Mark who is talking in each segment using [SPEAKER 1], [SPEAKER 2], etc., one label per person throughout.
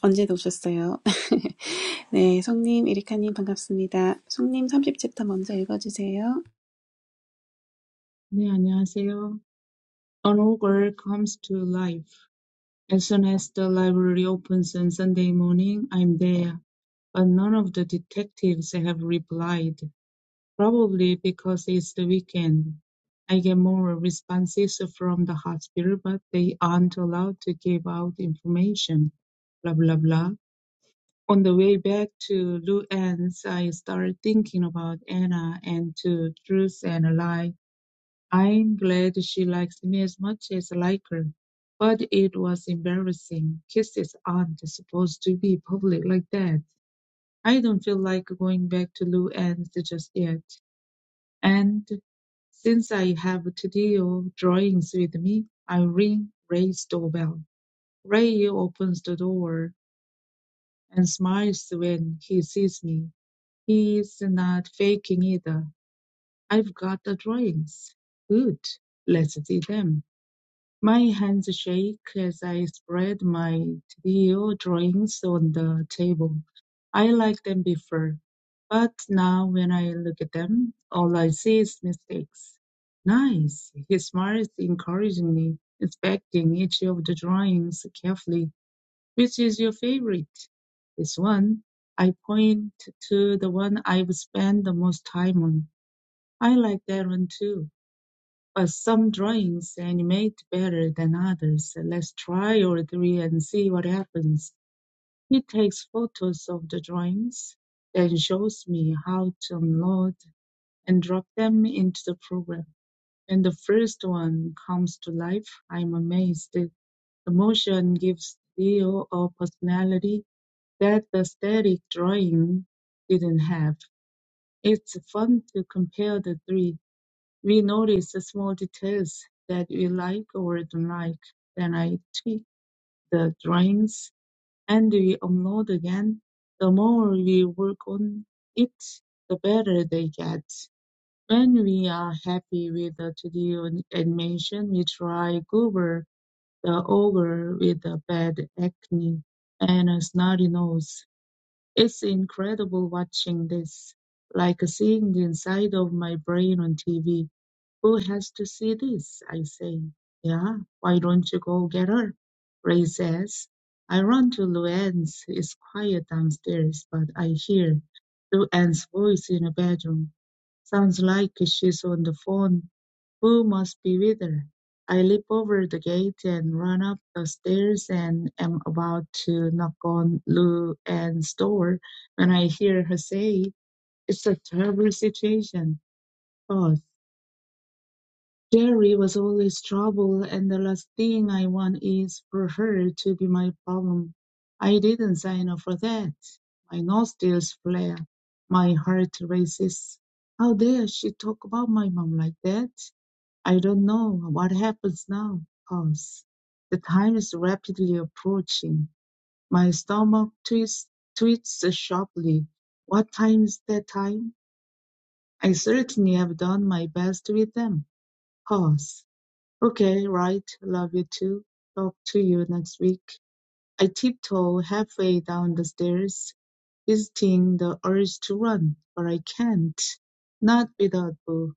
[SPEAKER 1] 언제도 오셨어요. 네, 송님, 에리카님 반갑습니다. 송님 30챕터 먼저 읽어주세요.
[SPEAKER 2] 네, 안녕하세요. An ogre comes to life. As soon as the library opens on Sunday morning, I'm there. But none of the detectives have replied, probably because it's the weekend. I get more responses from the hospital, but they aren't allowed to give out information. Blah, blah, blah. On the way back to Luann's, I started thinking about Anna and to Truth and Lie. I'm glad she likes me as much as I like her. But it was embarrassing. Kisses aren't supposed to be public like that. I don't feel like going back to Lou Ann's just yet. And since I have to deal drawings with me, I ring Ray's doorbell. Ray opens the door and smiles when he sees me. He's not faking either. I've got the drawings. Good. Let's see them. My hands shake as I spread my trio drawings on the table. I liked them before, but now when I look at them, all I see is mistakes. Nice, he smiles encouragingly, inspecting each of the drawings carefully. Which is your favorite? This one. I point to the one I've spent the most time on. I like that one too uh, some drawings animate better than others. So Let's try all three and see what happens. He takes photos of the drawings, then shows me how to unload and drop them into the program. When the first one comes to life, I'm amazed. The motion gives Leo a personality that the static drawing didn't have. It's fun to compare the three we notice the small details that we like or don't like. Then I tweak the drawings and we upload again. The more we work on it, the better they get. When we are happy with the to d animation, we try Goober the ogre with a bad acne and a snotty nose. It's incredible watching this, like seeing the inside of my brain on TV. Who has to see this? I say. Yeah, why don't you go get her? Ray says. I run to Luann's. It's quiet downstairs, but I hear Luann's voice in the bedroom. Sounds like she's on the phone. Who must be with her? I leap over the gate and run up the stairs and am about to knock on Luann's door when I hear her say, It's a terrible situation Jerry was always trouble and the last thing I want is for her to be my problem. I didn't sign up for that. My nostrils flare. My heart races. How dare she talk about my mom like that? I don't know what happens now. Pause. The time is rapidly approaching. My stomach twists, twists sharply. What time is that time? I certainly have done my best with them. Pause. Okay, right. Love you too. Talk to you next week. I tiptoe halfway down the stairs, visiting the urge to run, but I can't. Not without Boo.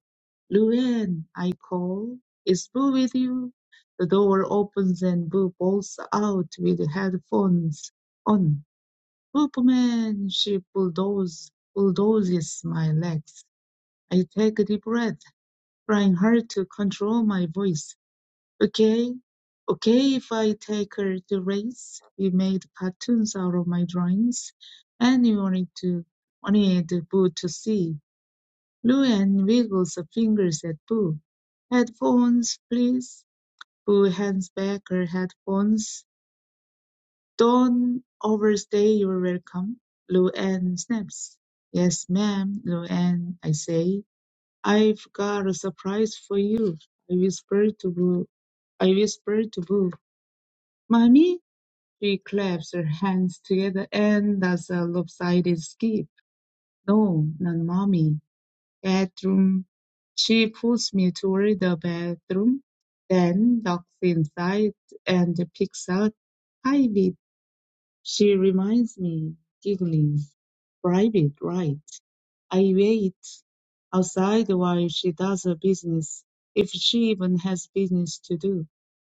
[SPEAKER 2] Luann, I call. Is Boo with you? The door opens and Boo bolts out with headphones on. Boop man, she bulldoze, bulldozes my legs. I take a deep breath, trying hard to control my voice. Okay, okay, if I take her to race, we made cartoons out of my drawings, and we wanted to wanted Boo to see. Luann wiggles her fingers at Boo. Headphones, please. Boo hands back her headphones. Don't overstay your welcome. Luann snaps. Yes, ma'am, Luann, I say. I've got a surprise for you. I whisper to Boo. I whisper to Boo. Mommy? She claps her hands together and does a lopsided skip. No, not mommy. Bedroom. She pulls me toward the bedroom, then ducks inside and picks out private. She reminds me, giggling. Private, right. I wait outside while she does her business, if she even has business to do.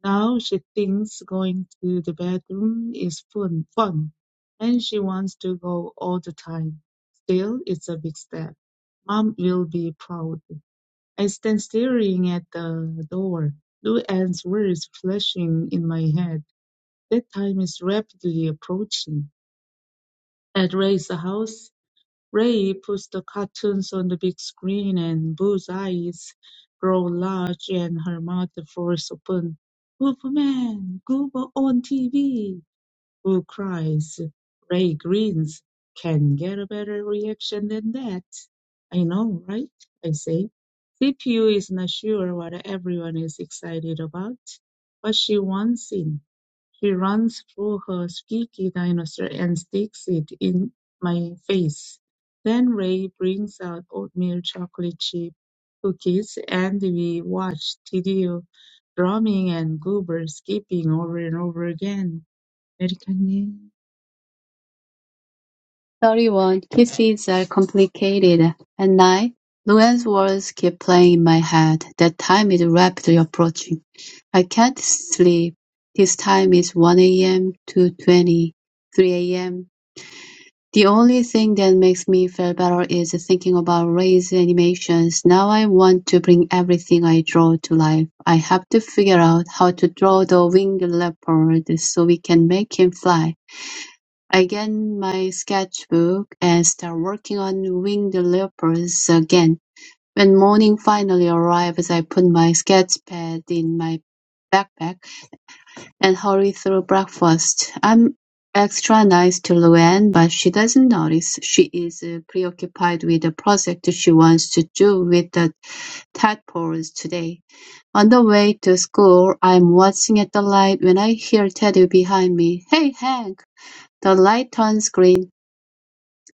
[SPEAKER 2] Now she thinks going to the bedroom is fun, fun, and she wants to go all the time. Still, it's a big step. Mom will be proud. I stand staring at the door, Lou Ann's words flashing in my head. That time is rapidly approaching. At Ray's house, Ray puts the cartoons on the big screen and Boo's eyes grow large and her mouth falls open. Superman, Goober on TV! Boo cries. Ray grins. Can get a better reaction than that. I know, right? I say. CPU is not sure what everyone is excited about, but she wants in. He runs for her squeaky dinosaur and sticks it in my face. Then Ray brings out oatmeal chocolate chip cookies and we watch Tidio drumming and Goober skipping over and over again. American
[SPEAKER 3] Thirty-one kisses are complicated. At night, Luann's words keep playing in my head. That time is rapidly approaching. I can't sleep. This time is 1 a.m. to 20, 3 a.m. The only thing that makes me feel better is thinking about Ray's animations. Now I want to bring everything I draw to life. I have to figure out how to draw the winged leopard so we can make him fly. I get my sketchbook and start working on winged leopards again. When morning finally arrives, I put my sketch pad in my backpack and hurry through breakfast. I'm extra nice to Luann, but she doesn't notice. She is uh, preoccupied with a project she wants to do with the tadpoles today. On the way to school, I'm watching at the light when I hear Teddy behind me. Hey, Hank! The light turns green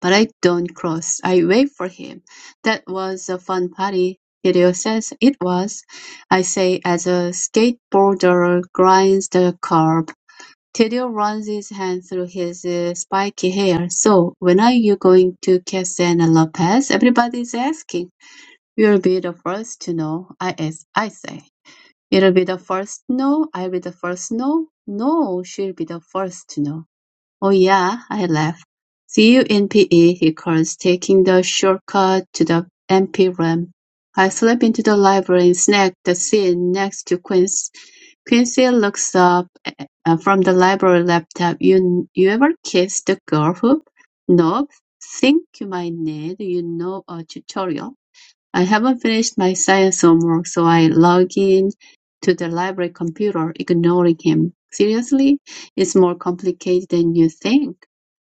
[SPEAKER 3] but I don't cross. I wait for him. That was a fun party. Hideo says it was. I say as a skateboarder grinds the curb. Hideo runs his hand through his uh, spiky hair. So, when are you going to Cassandra Lopez? Everybody's asking. You'll be the first to know, I, as I say. It'll be the first no, I'll be the first no, no, she'll be the first to know. "Oh yeah," I laugh. "See you in PE," he calls, taking the shortcut to the empty room. I slip into the library and snag the seat next to Quincy. Quincy looks up uh, from the library laptop. "You you ever kissed the girl who?" "Nope. Think you might need, you know, a tutorial." I haven't finished my science homework, so I log in to the library computer, ignoring him. Seriously? It's more complicated than you think.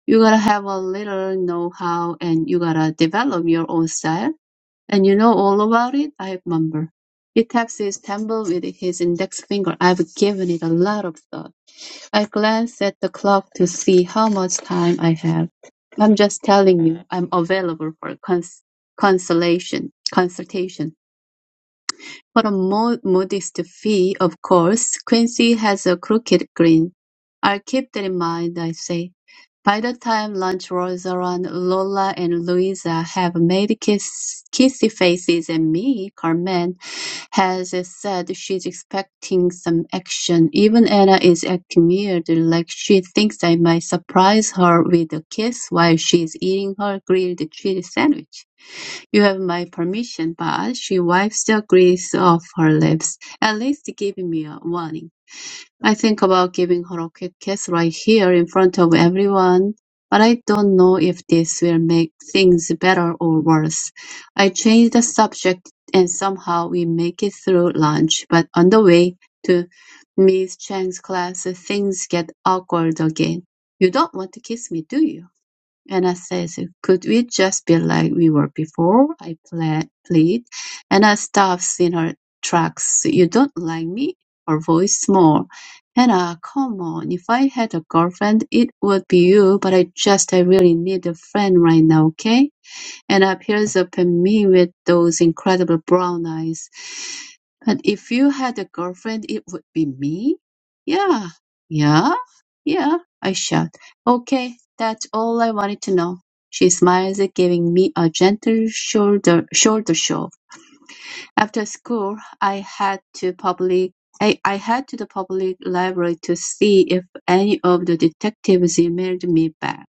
[SPEAKER 3] You gotta have a little know-how and you gotta develop your own style. And you know all about it? I mumble. He taps his temple with his index finger. I've given it a lot of thought. I glance at the clock to see how much time I have. I'm just telling you, I'm available for cons- consolation, consultation. For a more modest fee, of course, Quincy has a crooked grin. I'll keep that in mind, I say. By the time lunch rolls around, Lola and Louisa have made kiss, kissy faces at me. Carmen has said she's expecting some action. Even Anna is acting weird, like she thinks I might surprise her with a kiss while she's eating her grilled cheese sandwich. You have my permission, but she wipes the grease off her lips, at least giving me a warning. I think about giving her a quick kiss right here in front of everyone, but I don't know if this will make things better or worse. I change the subject and somehow we make it through lunch, but on the way to Miss Chang's class, things get awkward again. You don't want to kiss me, do you? And I says, could we just be like we were before? I ple- plead. And I stops in her tracks. "So You don't like me? Her voice small. Hannah, come on. If I had a girlfriend, it would be you, but I just, I really need a friend right now, okay? and appears upon me with those incredible brown eyes. But if you had a girlfriend, it would be me? Yeah, yeah, yeah, I shout. Okay, that's all I wanted to know. She smiles, giving me a gentle shoulder shoulder shove. After school, I had to public I, I had to the public library to see if any of the detectives emailed me back.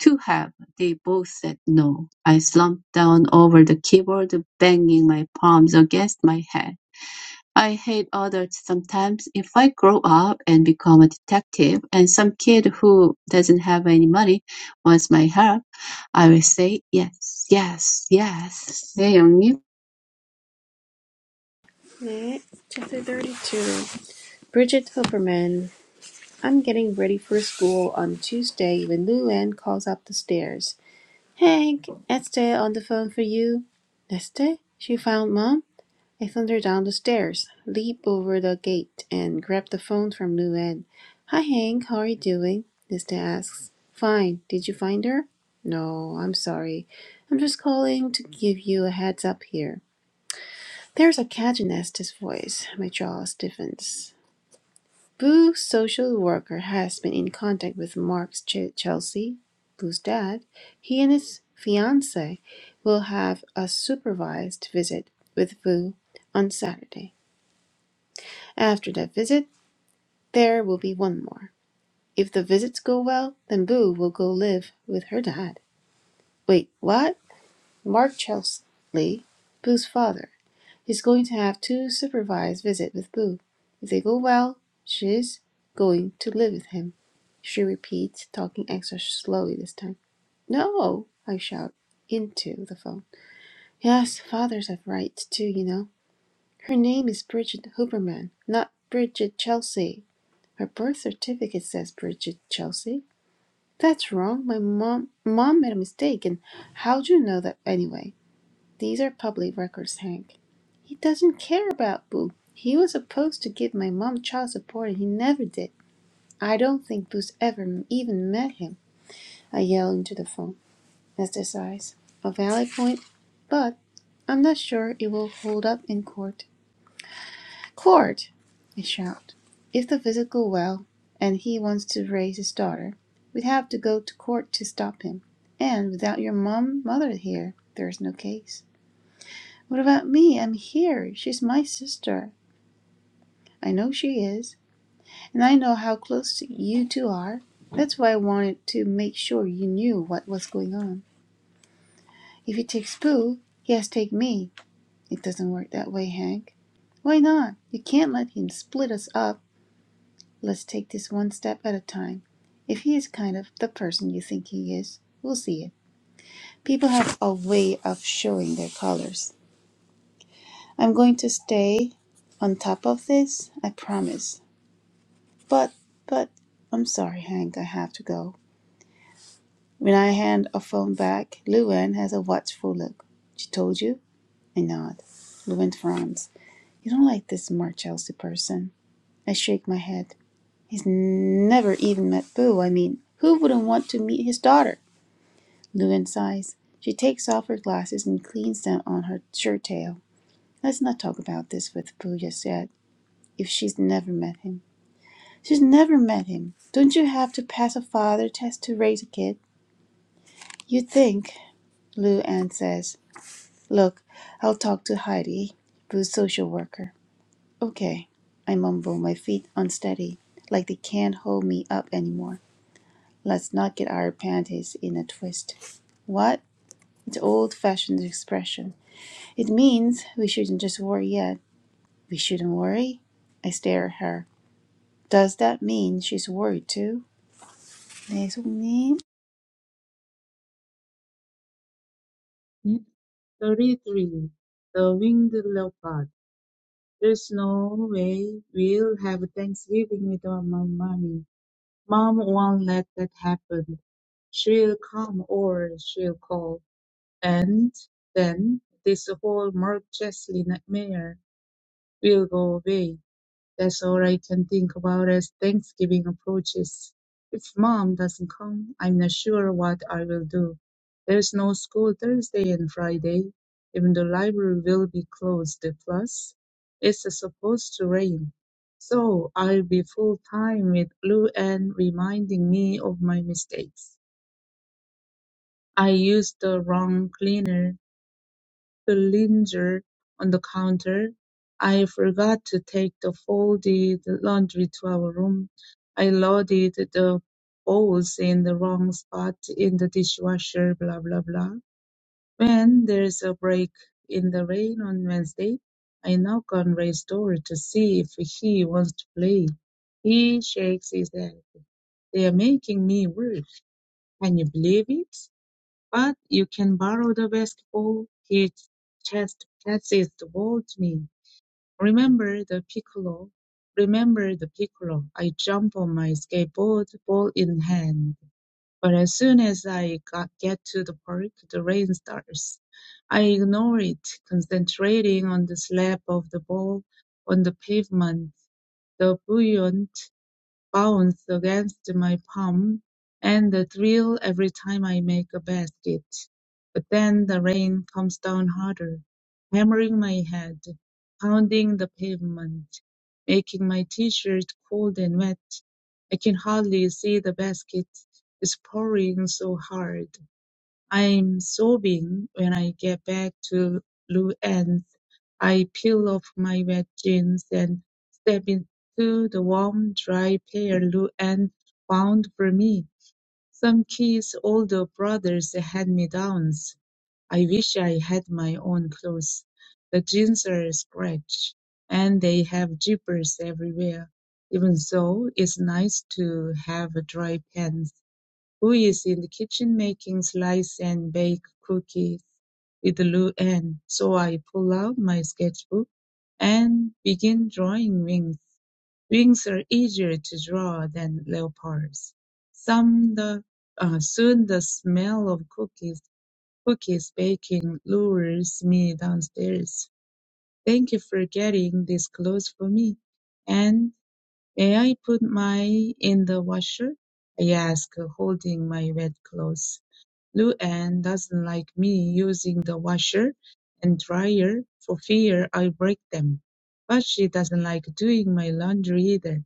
[SPEAKER 3] "To have," they both said "No." I slumped down over the keyboard, banging my palms against my head. I hate adults sometimes. If I grow up and become a detective, and some kid who doesn't have any money wants my help, I will say yes, yes, yes. 네, 형님.
[SPEAKER 1] 네, chapter 32. Bridget Hilperman. I'm getting ready for school on Tuesday when Lou Ann calls up the stairs. Hank, Esther on the phone for you. Esther? She found Mom? I thundered down the stairs, leaped over the gate, and grabbed the phone from Lou Anne. Hi, Hank. How are you doing? Nista asks. Fine. Did you find her? No, I'm sorry. I'm just calling to give you a heads up here. There's a catch in Nesta's voice. My jaw stiffens. Boo, social worker, has been in contact with Mark's Ch- Chelsea, Boo's dad. He and his fiancee will have a supervised visit with Boo on Saturday. After that visit there will be one more. If the visits go well, then Boo will go live with her dad. Wait, what? Mark Chesley, Boo's father, is going to have two supervised visits with Boo. If they go well, she's going to live with him. She repeats, talking extra slowly this time. No, I shout into the phone. Yes, fathers have rights too, you know. Her name is Bridget Hooperman, not Bridget Chelsea. Her birth certificate says Bridget Chelsea. That's wrong. My mom mom made a mistake. And how do you know that anyway? These are public records, Hank. He doesn't care about Boo. He was supposed to give my mom child support and he never did. I don't think Boo's ever even met him. I yell into the phone. That's the size. A valid point, but I'm not sure it will hold up in court. "Court!" I shout. "If the visit go well, and he wants to raise his daughter, we'd have to go to court to stop him. And without your mum, mother here, there's no case." "What about me? I'm here. She's my sister. I know she is. And I know how close you two are. That's why I wanted to make sure you knew what was going on. If he takes Boo, he has to take me. It doesn't work that way, Hank." "Why not? You can't let him split us up. Let's take this one step at a time. If he is kind of the person you think he is, we'll see it. People have a way of showing their colors. I'm going to stay on top of this, I promise. But, but, I'm sorry, Hank, I have to go. When I hand a phone back, Luann has a watchful look. She told you? I nod. Luann frowns. You don't like this Mark Chelsea person. I shake my head. He's never even met Boo. I mean, who wouldn't want to meet his daughter? Llewyn sighs. She takes off her glasses and cleans them on her shirt tail. Let's not talk about this with Pooh just yet, if she's never met him. She's never met him. Don't you have to pass a father test to raise a kid? You think, Lou Anne says. Look, I'll talk to Heidi, Pooh's social worker. Okay, I mumble, my feet unsteady, like they can't hold me up anymore. Let's not get our panties in a twist. What? It's old fashioned expression. It means we shouldn't just worry yet. We shouldn't worry? I stare at her. Does that mean she's worried too? 네, 송님.
[SPEAKER 2] name? 33. The Winged Leopard. There's no way we'll have Thanksgiving without my mommy. Mom won't let that happen. She'll come or she'll call. And then this whole Mark Chesley nightmare will go away. That's all I can think about as Thanksgiving approaches. If mom doesn't come, I'm not sure what I will do. There's no school Thursday and Friday. Even the library will be closed. Plus, it's supposed to rain. So I'll be full time with Lou and reminding me of my mistakes. I used the wrong cleaner Belanger on the counter. "I forgot to take the folded laundry to our room. I loaded the bowls in the wrong spot in the dishwasher, blah, blah, blah. When there's a break in the rain on Wednesday, I knock on Ray's door to see if he wants to play. He shakes his head. They're making me work. Can you believe it? But you can borrow the basketball he just passes the ball to me. Remember the piccolo. Remember the piccolo. I jump on my skateboard, ball in hand. But as soon as I got, get to the park, the rain starts. I ignore it, concentrating on the slap of the ball on the pavement, the buoyant bounce against my palm and the thrill every time I make a basket. But then the rain comes down harder, hammering my head, pounding the pavement, making my t-shirt cold and wet. I can hardly see the basket. It's pouring so hard. I'm sobbing when I get back to Luann I peel off my wet jeans and step into the warm, dry pair Lou Anne found for me. Some kids' older brothers had me downs. I wish I had my own clothes. The jeans are scratched, and they have zippers everywhere. Even so, it's nice to have dry pants who is in the kitchen making slice and bake cookies with Lu Ann. So I pull out my sketchbook and begin drawing wings. Wings are easier to draw than leopards. Some the, uh, soon the smell of cookies, cookies baking lures me downstairs. Thank you for getting these clothes for me. And may I put my in the washer? I ask, holding my wet clothes lou doesn't like me using the washer and dryer for fear I'll break them. But she doesn't like doing my laundry either.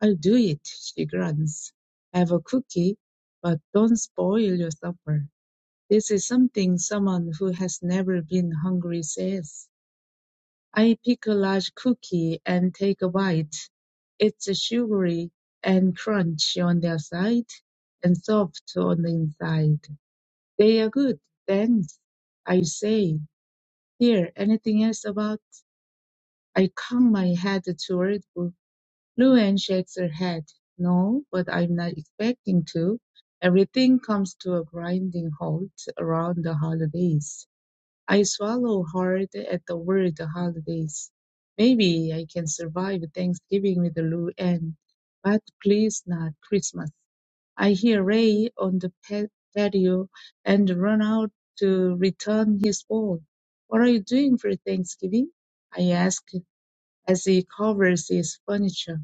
[SPEAKER 2] I'll do it, she grunts. Have a cookie, but don't spoil your supper. This is something someone who has never been hungry says. I pick a large cookie and take a bite. It's sugary and crunchy on the outside and soft on the inside. They are good. Thanks, I say. Here, anything else about? I cock my head toward Bo- Luann shakes her head. No, but I'm not expecting to. Everything comes to a grinding halt around the holidays. I swallow hard at the word holidays. Maybe I can survive Thanksgiving with Luann, but please not Christmas. I hear Ray on the pa- patio and run out to return his ball. What are you doing for Thanksgiving? I ask as he covers his furniture.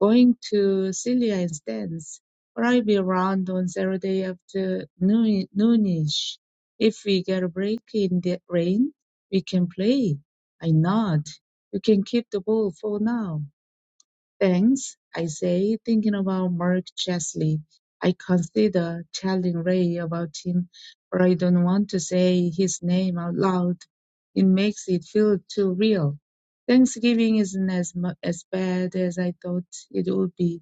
[SPEAKER 2] Going to Celia's dance. Stan's. But I'll be around on Saturday after noon- noonish. If we get a break in the rain, we can play. I nod. You can keep the ball for now. Thanks, I say, thinking about Mark Chesley. I consider telling Ray about him, but I don't want to say his name out loud. It makes it feel too real. Thanksgiving isn't as, mu- as bad as I thought it would be.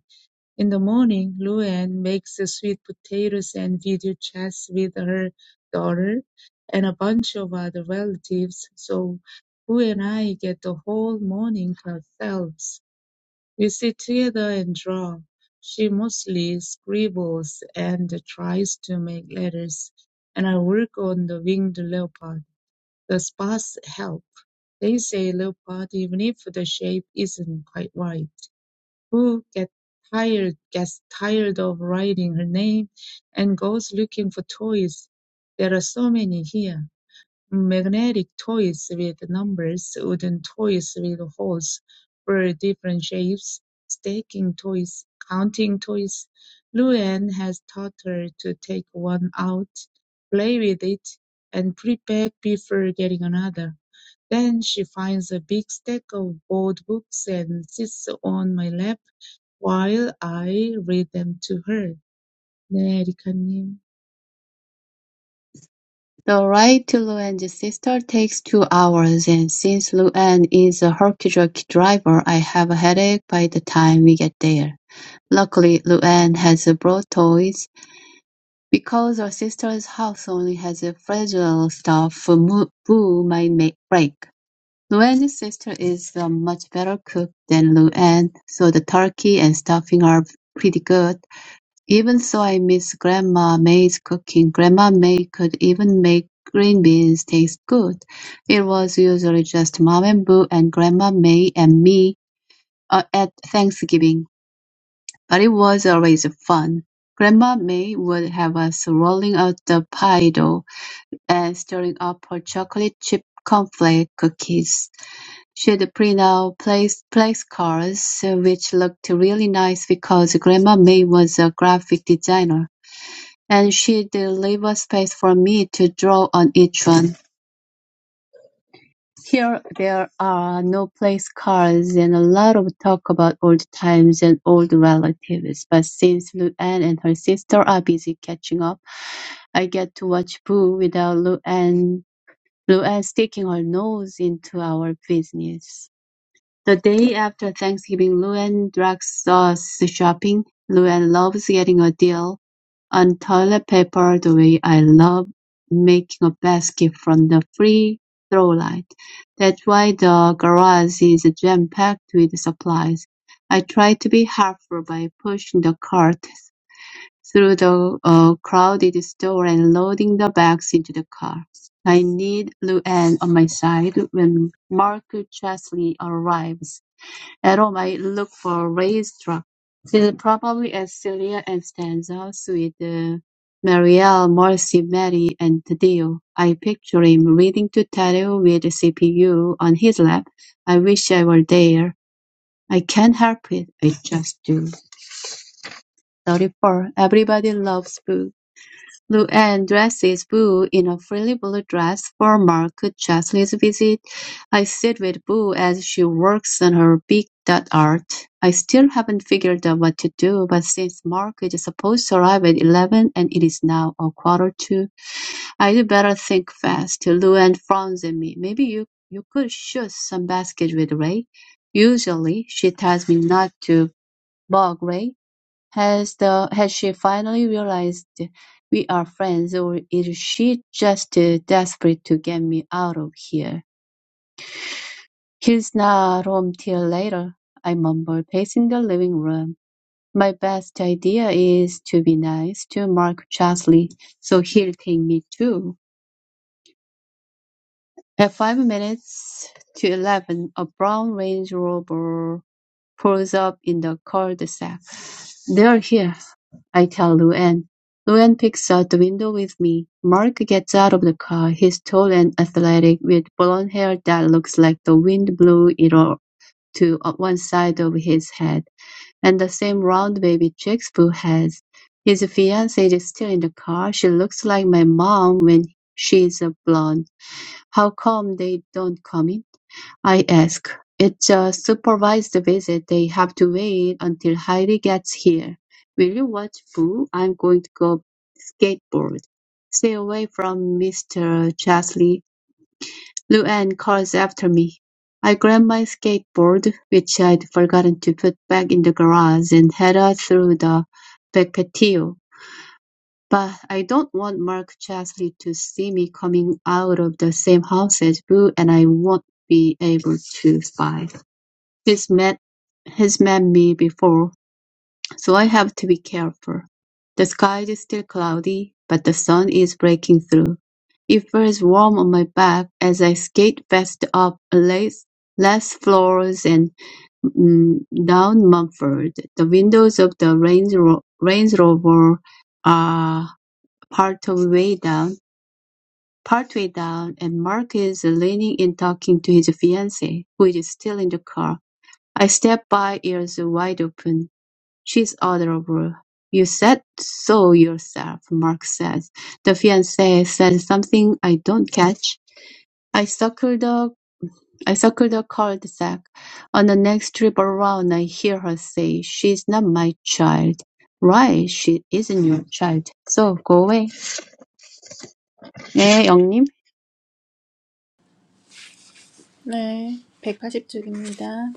[SPEAKER 2] In the morning, Luann makes sweet potatoes and video chats with her daughter and a bunch of other relatives, so Boo and I get the whole morning to ourselves. We sit together and draw. She mostly scribbles and tries to make letters, and I work on the winged leopard. The spots help. They say leopard even if the shape isn't quite right. Who get tired gets tired of writing her name and goes looking for toys. There are so many here. Magnetic toys with numbers, wooden toys with holes for different shapes, stacking toys, counting toys. Luann has taught her to take one out, play with it, and put it back before getting another. Then she finds a big stack of board books and sits on my lap while I read them to her. 네, 에리카님.
[SPEAKER 3] The ride to Luann's sister takes two hours, and since Luann is a herky-jerky driver, I have a headache by the time we get there. Luckily, Luann has brought toys, because her sister's house only has fragile stuff Boo might make break. Luann's sister is a much better cook than Luann, so the turkey and stuffing are pretty good. Even so, I miss Grandma May's cooking. Grandma May could even make green beans taste good. It was usually just Mom and Boo and Grandma May and me uh, at Thanksgiving. But it was always fun. Grandma May would have us rolling out the pie dough and stirring up her chocolate chip cornflake cookies. She'd print out place place cards, which looked really nice because Grandma May was a graphic designer, and she'd leave a space for me to draw on each one. Here there are no place cards and a lot of talk about old times and old relatives, but since Luann and her sister are busy catching up, I get to watch Boo without Luann, Luann sticking her nose into our business. The day after Thanksgiving, Luann drags us shopping. Luann loves getting a deal on toilet paper the way I love making a basket from the free throw light. That's why the garage is jam-packed with supplies. I try to be helpful by pushing the cart through the uh, crowded store and loading the bags into the car. I need Luann on my side when Mark Chesley arrives. Roma look for Raestrop, probably at Celia Constanza, with uh, Marielle, Marcy, Mary, and Taddeo. I picture him reading to Taddeo with the CPU on his lap. I wish I were there. I can't help it. I just do. 34. Everybody loves books. Luann dresses Boo in a frilly blue dress for mark Chesley's visit. I sit with Boo as she works on her big dot art. I still haven't figured out what to do, but since Mark is supposed to arrive at 11 and it is now a quarter to, I'd better think fast. Luann frowns at me. Maybe you, you could shoot some basket with Ray. Usually, she tells me not to bug Ray has the has she finally realized we are friends, or is she just uh, desperate to get me out of here? He's not home till later, I mumble, pacing the living room. My best idea is to be nice to Mark Chasley, so he'll take me too. At five minutes to eleven, a brown Range Rover pulls up in the cul-de-sac. They're here I tell Luann. Luann peeks out the window with me. Mark gets out of the car. He's tall and athletic, with blond hair that looks like the wind blew it all to one side of his head, and the same round baby cheeks Boo has. His fiancée is still in the car. She looks like my mom when she's a blonde. How come they don't come in? I ask. It's a supervised visit. They have to wait until Heidi gets here. Will you watch Boo? I'm going to go skateboard. Stay away from Mr. Chesley. Luann calls after me. I grab my skateboard, which I'd forgotten to put back in the garage, and head out through the back patio. But I don't want Mark Chesley to see me coming out of the same house as Boo, and I won't be able to spy. This met has met me before, so I have to be careful. The sky is still cloudy, but the sun is breaking through. It feels warm on my back as I skate fast up less, less floors and mm, down Mumford. The windows of the Range, Ro- Range Rover are part of way down, partway down, and Mark is leaning and talking to his fiancée, who is still in the car. I stepped by ears wide open. "She's adorable. You said so yourself," Mark said. The fiancé said something I don't catch. I circled the I circled the cul-de-sac. On the next trip around, I hear her say, "She's not my child." Right, she isn't your child. So go away. 네, 영님.
[SPEAKER 1] 네, 180쪽입니다.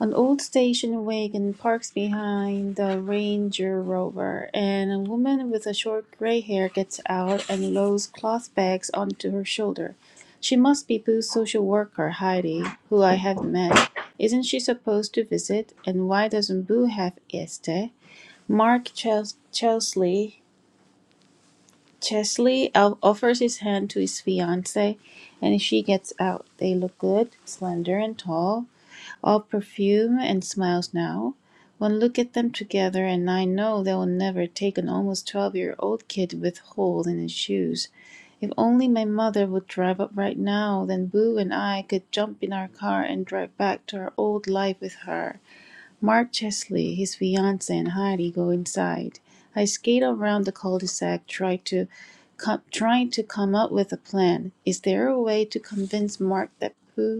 [SPEAKER 1] An old station wagon parks behind the Ranger Rover, and a woman with a short gray hair gets out and loads cloth bags onto her shoulder. She must be Boo's social worker, Heidi, who I have met. Isn't she supposed to visit? And why doesn't Boo have Este? Mark Ches- Chesley Chesley o- offers his hand to his fiancee, and she gets out. They look good, slender and tall, all perfume and smiles now. One look at them together, and I know they will never take an almost twelve-year-old kid with holes in his shoes. If only my mother would drive up right now, then Boo and I could jump in our car and drive back to our old life with her. Mark Chesley, his fiancée, and Heidi go inside. I skate around the cul-de-sac, try to com- trying to come up with a plan. Is there a way to convince Mark that Pooh?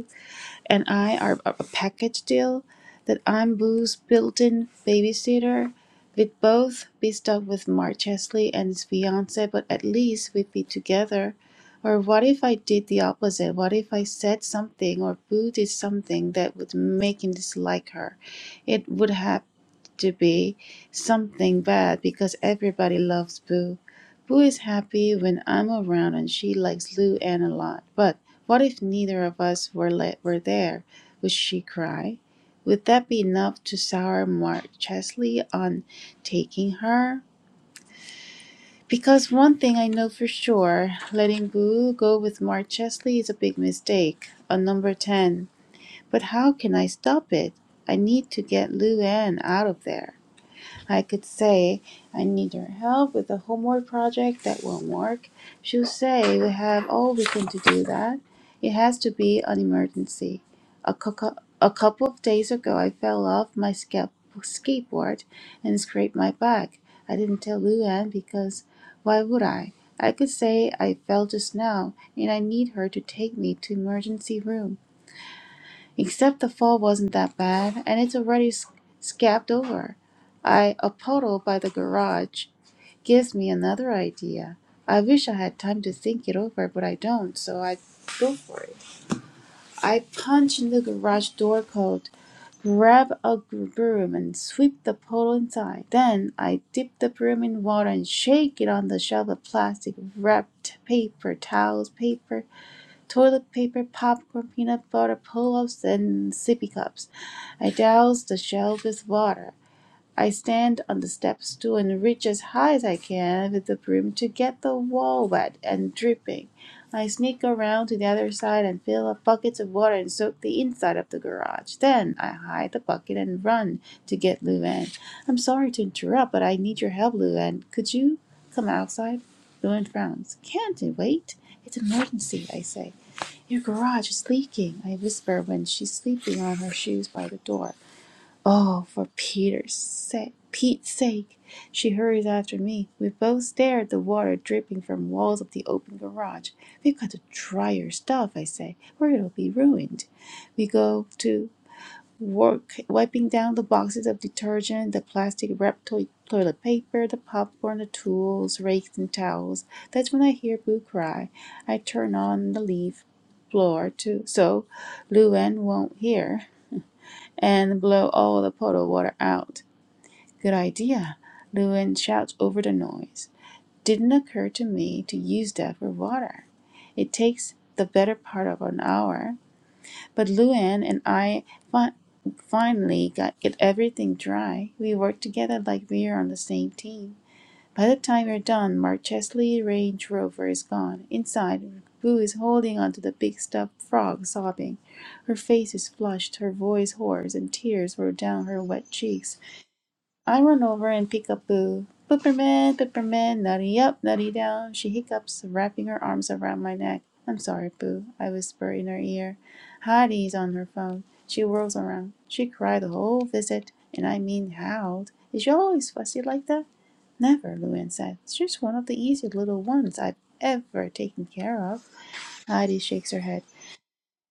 [SPEAKER 1] and I are a package deal that I'm Boo's built-in babysitter. We'd both be stuck with Mark Chesley and his fiance, but at least we'd be together. Or what if I did the opposite? What if I said something or Boo did something that would make him dislike her? It would have to be something bad because everybody loves Boo. Boo is happy when I'm around and she likes Lou Anne a lot. But what if neither of us were, le- were there? Would she cry? Would that be enough to sour Mark Chesley on taking her? Because one thing I know for sure, letting Boo go with Mark Chesley is a big mistake, a number 10. But how can I stop it? I need to get Lou Anne out of there. I could say, I need your help with a homework project that won't work. She'll say, We have all weekend to do that. It has to be an emergency. A, cou- a couple of days ago, I fell off my ska- skateboard and scraped my back. I didn't tell Luann because why would I? I could say I fell just now and I need her to take me to emergency room. Except the fall wasn't that bad, and it's already s- scabbed over. I a puddle by the garage gives me another idea. I wish I had time to think it over, but I don't, so I go for it. I punch in the garage door code, grab a gr- broom, and sweep the puddle inside. Then I dip the broom in water and shake it on the shelf of plastic wrapped paper, towels, paper, toilet paper, popcorn, peanut butter, pull-ups, and sippy cups. I douse the shell with water. I stand on the step stool and reach as high as I can with the broom to get the wall wet and dripping. I sneak around to the other side and fill up buckets of water and soak the inside of the garage. Then I hide the bucket and run to get Luann. I'm sorry to interrupt, but I need your help, Luann. Could you come outside? Luann frowns. Can't it wait? It's an emergency, I say. Your garage is leaking, I whisper when she's sleeping on her shoes by the door. Oh, for Peter's sake, Pete's sake! She hurries after me. We both stare at the water dripping from walls of the open garage. We've got to dry your stuff, I say, or it'll be ruined. We go to work wiping down the boxes of detergent, the plastic wrapped toi- toilet paper, the popcorn, the tools, rakes, and towels. That's when I hear Boo cry. I turn on the leaf blower too, so Luann won't hear and blow all the puddle water out. Good idea, Lewin shouts over the noise. Didn't occur to me to use that for water. It takes the better part of an hour, but Lewin and I fi- finally got get everything dry. We worked together like we were on the same team. By the time you're done, Mark Chesley Range Rover is gone. Inside, Boo is holding onto the big stuffed frog, sobbing. Her face is flushed, her voice hoarse, and tears roll down her wet cheeks. I run over and pick up Boo. Pepperman, Pepperman, nutty up, nutty down. She hiccups, wrapping her arms around my neck. I'm sorry, Boo, I whisper in her ear. Heidi is on her phone. She whirls around. She cried the whole visit, and I mean howled. Is she always fussy like that? Never, Luann said. It's just one of the easy little ones I've ever taken care of. Heidi shakes her head.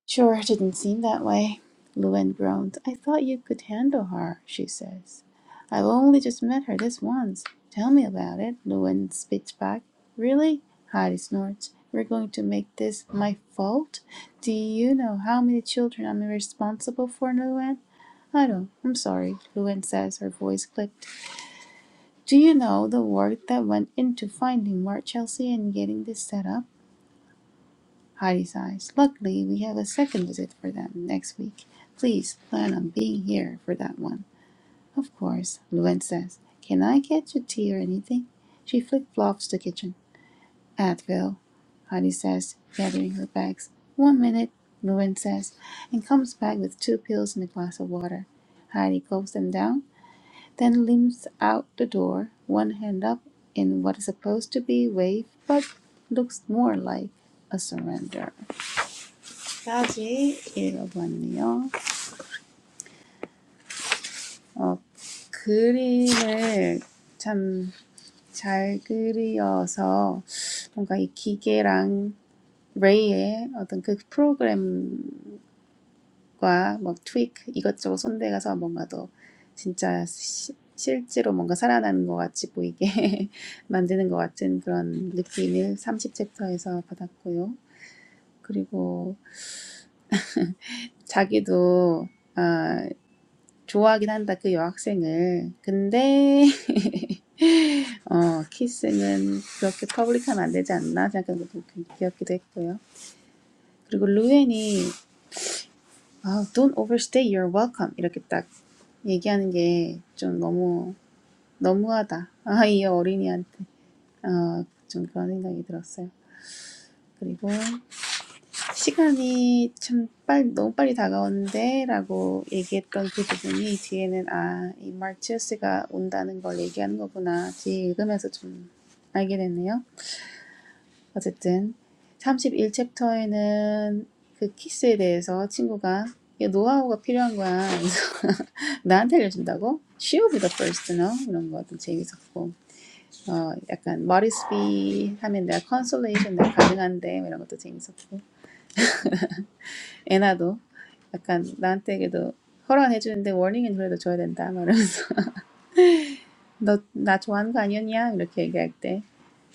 [SPEAKER 1] Sure, didn't seem that way. Luann groans. I thought you could handle her, she says. I've only just met her this once. Tell me about it, Luann spits back. Really? Heidi snorts. We're going to make this my fault? Do you know how many children I'm responsible for, Luann? I don't. I'm sorry, Luann says, her voice clipped. Do you know the work that went into finding Mark Chelsea and getting this set up? Heidi's eyes. Luckily, we have a second visit for them next week. Please plan on being here for that one. Of course, Luen says. Can I get you tea or anything? She flick flops the kitchen. Advil, Heidi says, gathering her bags. One minute, Luen says, and comes back with two pills and a glass of water. Heidi gulps them down then limps out the door, one hand up in what is supposed to be wave but looks more like a surrender. 까지 읽어봤네요. 어, 그림을 참 잘 그리어서 뭔가 이 기계랑 레이의 어떤 그 프로그램 과 과막 트윅 이것저것 손대가서 뭔가 더 진짜 시, 실제로 뭔가 살아나는 것 같이 보이게 만드는 것 같은 그런 느낌을 삼십 챕터에서 받았고요. 그리고 자기도 아, 좋아하긴 한다 그 여학생을. 근데 어, 키스는 그렇게 퍼블릭하면 안 되지 않나 생각하는 것도 귀엽기도 했고요. 그리고 루엔이 아, don't overstay your welcome. 이렇게 딱 얘기하는 게 좀 너무, 너무하다. 아, 이 어린이한테. 어, 좀 그런 생각이 들었어요. 그리고 시간이 참 빨리, 너무 빨리 다가오는데 라고 얘기했던 그 부분이 뒤에는 아, 이 마르티우스가 온다는 걸 얘기하는 거구나. 뒤에 읽으면서 좀 알게 됐네요. 어쨌든 삼십일 챕터에는 그 키스에 대해서 친구가 이거 노하우가 필요한 거야. 그래서 나한테 알려준다고? She will be the first to know. 이런 것도 재밌었고 어, 약간 머리스비 하면 내가 컨솔레이션 내가 가능한데 이런 것도 재밌었고 애나도 약간 나한테 그래도 허락해주는데 warning은 그래도 줘야 된다 말하면서 너 나 좋아하는 거 아니었냐? 이렇게 얘기할 때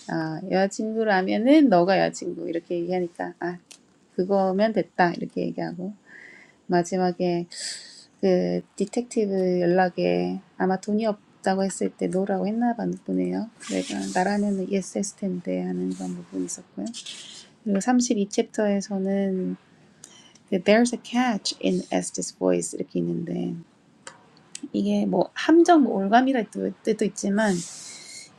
[SPEAKER 1] 아, 여자친구라면은 너가 여자친구 이렇게 얘기하니까 아, 그거면 됐다 이렇게 얘기하고 마지막에 그 디텍티브 연락에 아마 돈이 없다고 했을 때 노라고 했나 봐 보네요. 내가 나라면 yes 했을 텐데 하는 그런 부분이 있었고요. 그리고 32챕터에서는 챕터에서는 There's a catch in Estes voice 이렇게 있는데 이게 뭐 함정 뭐 올감이라 뜻도 있지만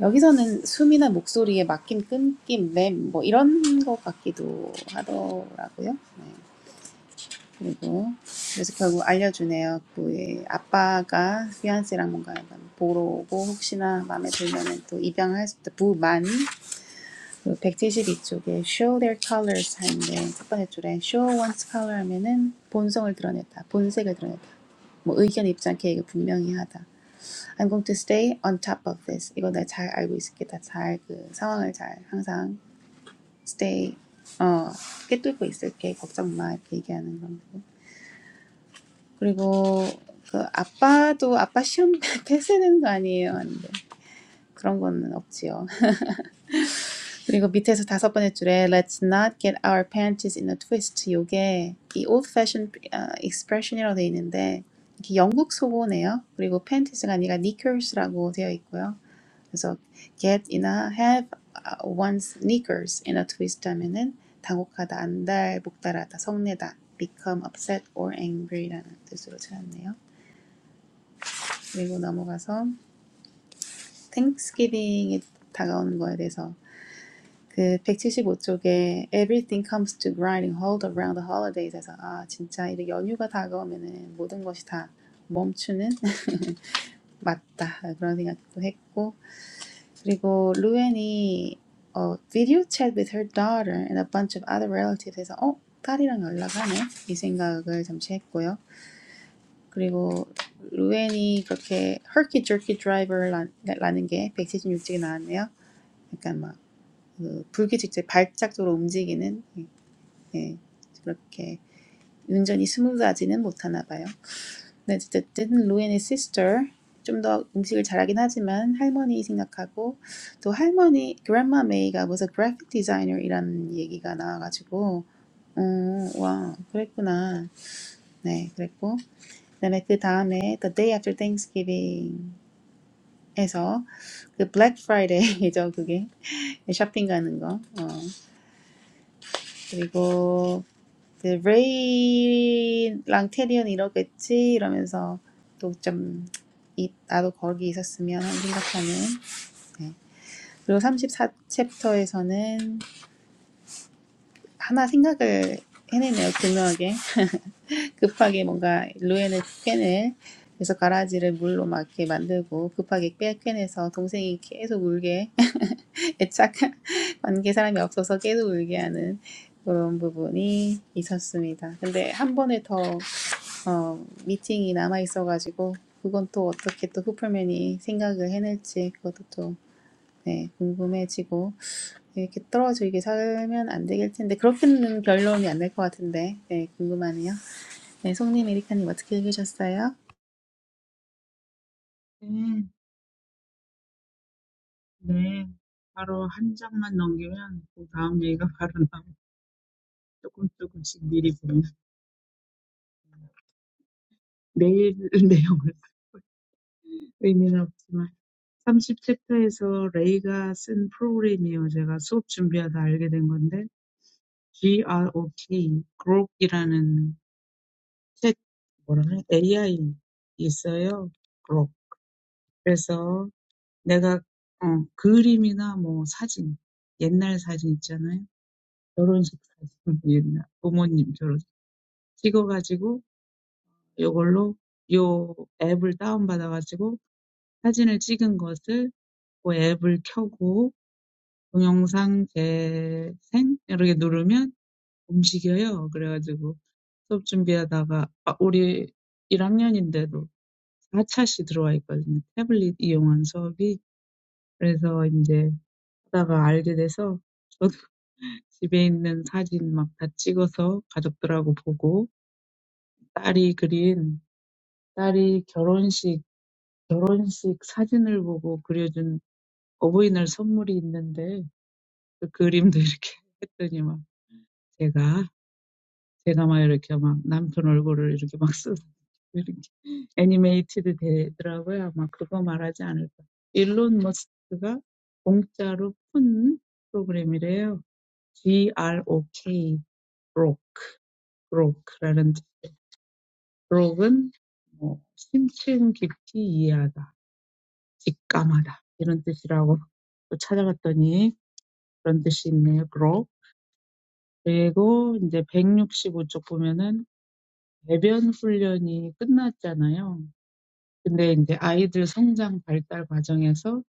[SPEAKER 1] 여기서는 숨이나 목소리에 막힌 끊김, 램, 뭐 이런 것 같기도 하더라고요. 네. 그리고 그래서 결국 알려주네요. 그의 아빠가 피안세랑 뭔가 보러 오고 혹시나 마음에 들면은 또 입양할 수 있다. 부만 그 백칠십이 쪽에 show their colors 하는데 첫 번째 줄에 show one's color 하면은 본성을 드러냈다. 본색을 드러냈다. 뭐 의견 입지 않게 분명히 하다. I'm going to stay on top of this. 이거 내가 잘 알고 있을게. 잘그 상황을 잘 항상 stay 어 깨뚫고 있을게. 걱정 마 이렇게 얘기하는 건데. 그리고 그 아빠도 아빠 시험 패스되는 거 아니에요? 하는데 그런 거는 없지요. 그리고 밑에서 다섯 번째 줄에 Let's not get our panties in a twist. 요게 이 old fashioned 어, expression이라고 돼 있는데 이게 영국 속어네요. 그리고 panties가 아니라 knickers라고 되어 있고요. 그래서 get이나 have 아, one sneakers in a twist 하면은 당혹하다, 안달, 목달하다, 성내다, become upset or angry라는 뜻으로 찾았네요. 그리고 넘어가서 Thanksgiving이 다가오는 거에 대해서 그 175쪽에 everything comes to grinding halt around the holidays에서 아 진짜 이런 연휴가 다가오면은 모든 것이 다 멈추는 맞다 그런 생각도 했고 그리고 루앤이 어, 비디오 챗 with her daughter and a bunch of other relatives 해서 어? 딸이랑 연락하네? 이 생각을 잠시 했고요. 그리고 루앤이 그렇게 herky jerky driver라는 게 176쪽에 나왔네요. 약간 막그 불규칙적 발작적으로 움직이는 예, 예, 그렇게 운전이 스무드하지는 못하나 봐요. The the the Louie and his sister, 좀 더 음식을 잘하긴 하지만 할머니 생각하고 또 할머니 Grandma Mae가 무슨 graphic designer 이란 얘기가 나와가지고 어와 그랬구나 네 그랬고 다음에 그 다음에 the day after Thanksgiving에서 그 Black Friday이죠 그게 shopping 가는 거 어, 그리고 이제 레이랑 테리언 이러겠지 이러면서 또좀 나도 거기 있었으면 하는 생각하는 네. 그리고 34 챕터에서는 하나 생각을 해내네요 교묘하게 급하게 뭔가 루엔을 꿰낼 그래서 가라지를 물로 막 이렇게 만들고 급하게 빼 꿰내서 동생이 계속 울게 애착 관계 사람이 없어서 계속 울게 하는 그런 부분이 있었습니다. 근데 한 번에 더 어, 미팅이 남아 있어가지고 그건 또 어떻게 또 후플맨이 생각을 해낼지 그것도 또 네, 궁금해지고 이렇게 떨어져 이게 살면 안 되길 텐데 그렇게는 결론이 안 날 것 같은데 네, 궁금하네요. 네, 송님, 에리카님 어떻게 읽으셨어요?
[SPEAKER 2] 네. 네. 바로 한 장만 넘기면 그 다음 얘기가 바로 나오고 쪼끔 쪼끔씩 미리 보면 내일 내용을 의미는 없지만 30 챕터에서 레이가 쓴 프로그램이에요. 제가 수업 준비하다 알게 된 건데 GROT, grok이라는 챗 뭐라 그래? AI 있어요. grok. 그래서 내가 어 그림이나 뭐 사진, 옛날 사진 있잖아요. 결혼식 사진 옛날 부모님 결혼식 찍어 가지고 요걸로 요 앱을 다운받아가지고 사진을 찍은 것을 그 앱을 켜고 동영상 재생 이렇게 누르면 움직여요. 그래가지고 수업 준비하다가 아, 우리 1학년인데도 4차시 들어와 있거든요. 태블릿 이용한 수업이. 그래서 이제 하다가 알게 돼서 저도 집에 있는 사진 막다 찍어서 가족들하고 보고 딸이 그린 딸이 결혼식 결혼식 사진을 보고 그려준 어버이날 선물이 있는데 그 그림도 이렇게 했더니 막 제가 제가 막 이렇게 막 남편 얼굴을 이렇게 막 쓰, 이렇게 애니메이티드 되더라고요. 머스크가 그거 말하지 않을까. 일론 머스크가 공짜로 푼 프로그램이래요. G-R-O-K, ROK, ROK라는 ROK은 뭐 심층 깊이 이해하다, 직감하다 이런 뜻이라고 또 찾아봤더니 그런 뜻이 있네요. grow. 그리고 이제 백육십오 쪽 보면은 배변 훈련이 끝났잖아요. 근데 이제 아이들 성장 발달 과정에서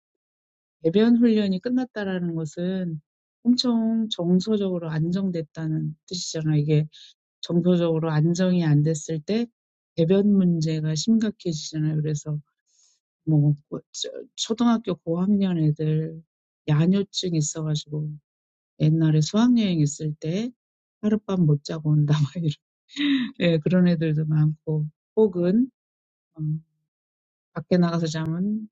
[SPEAKER 2] 배변 훈련이 끝났다라는 것은 엄청 정서적으로 안정됐다는 뜻이잖아요. 이게 정서적으로 안정이 안 됐을 때 배변 문제가 심각해지잖아요. 그래서 뭐 초등학교 고학년 애들 야뇨증 있어가지고 옛날에 수학여행 있을 때 하룻밤 못 자고 온다 막 이런 예, 그런 애들도 많고 혹은 어, 밖에 나가서 자면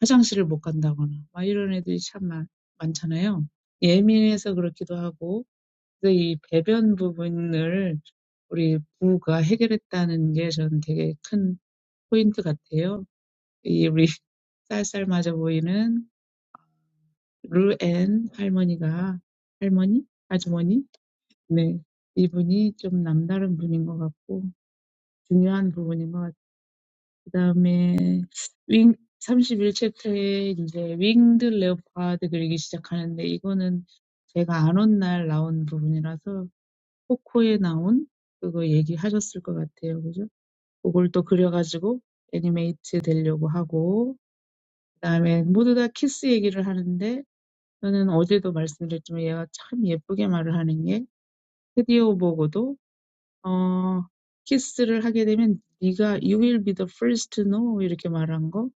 [SPEAKER 2] 화장실을 못 간다거나 막 이런 애들이 참 많, 많잖아요. 예민해서 그렇기도 하고 그래서 이 배변 부분을 우리 부가 해결했다는 게 저는 되게 큰 포인트 같아요. 이 우리 쌀쌀 맞아 보이는 루앤 할머니가 할머니? 아주머니? 네. 이 분이 좀 남다른 분인 것 같고, 중요한 부분인 것 같아요. 그 다음에, 윙, 31 챕터에 이제 윙드 레오파드 그리기 시작하는데, 이거는 제가 안온날 나온 부분이라서, 코코에 나온 그거 얘기하셨을 것 같아요. 그죠? 그걸 또 그려가지고 애니메이트 되려고 하고, 그 다음에 모두 다 키스 얘기를 하는데, 저는 어제도 말씀드렸지만 얘가 참 예쁘게 말을 하는 게, 드디어 보고도 어, 키스를 하게 되면 네가 you will be the first to know 이렇게 말한 거.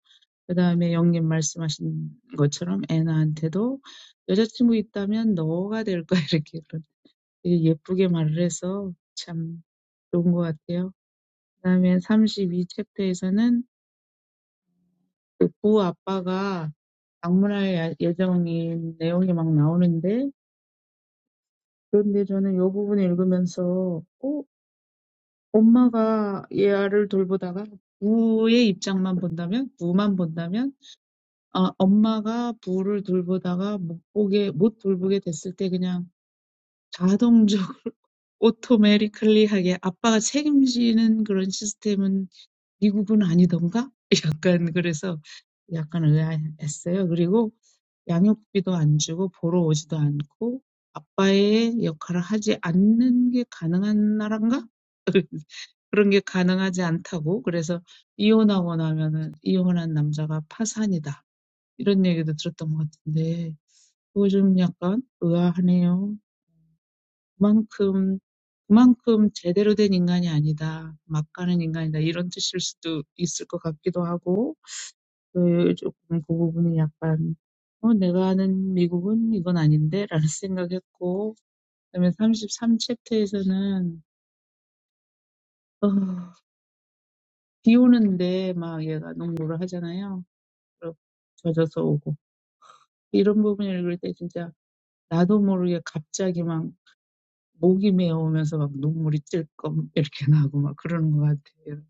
[SPEAKER 2] 그다음에 영님 말씀하신 것처럼 애나한테도 여자친구 있다면 너가 될 거야 이렇게 그런 되게 예쁘게 말을 해서 참 좋은 것 같아요. 그다음에 32 챕터에서는 그부 아빠가 방문할 야- 예정인 내용이 막 나오는데 그런데 저는 이 부분을 읽으면서 엄마가 얘를 돌보다가 부의 입장만 본다면, 부만 본다면, 아, 엄마가 부를 돌보다가 못 보게, 못 돌보게 됐을 때 그냥 자동적으로 오토매티컬리하게 아빠가 책임지는 그런 시스템은 미국은 아니던가? 약간 그래서 약간 의아했어요. 그리고 양육비도 안 주고 보러 오지도 않고 아빠의 역할을 하지 않는 게 가능한 나라인가? 그런 게 가능하지 않다고. 그래서 이혼하고 나면은 이혼한 남자가 파산이다. 이런 얘기도 들었던 것 같은데 그거 좀 약간 의아하네요. 그만큼 그만큼 제대로 된 인간이 아니다. 막 가는 인간이다. 이런 뜻일 수도 있을 것 같기도 하고 그 조금 그 부분이 약간 어, 내가 아는 미국은 이건 아닌데? 라는 생각했고, 그다음에 33 챕터에서는, 어, 비 오는데 막 얘가 농구를 하잖아요. 로 젖어서 오고 이런 부분을 읽을 때 진짜 나도 모르게 갑자기 막 목이 메어오면서 막 눈물이 찔끔 이렇게 나고 막 그러는 것 같아요.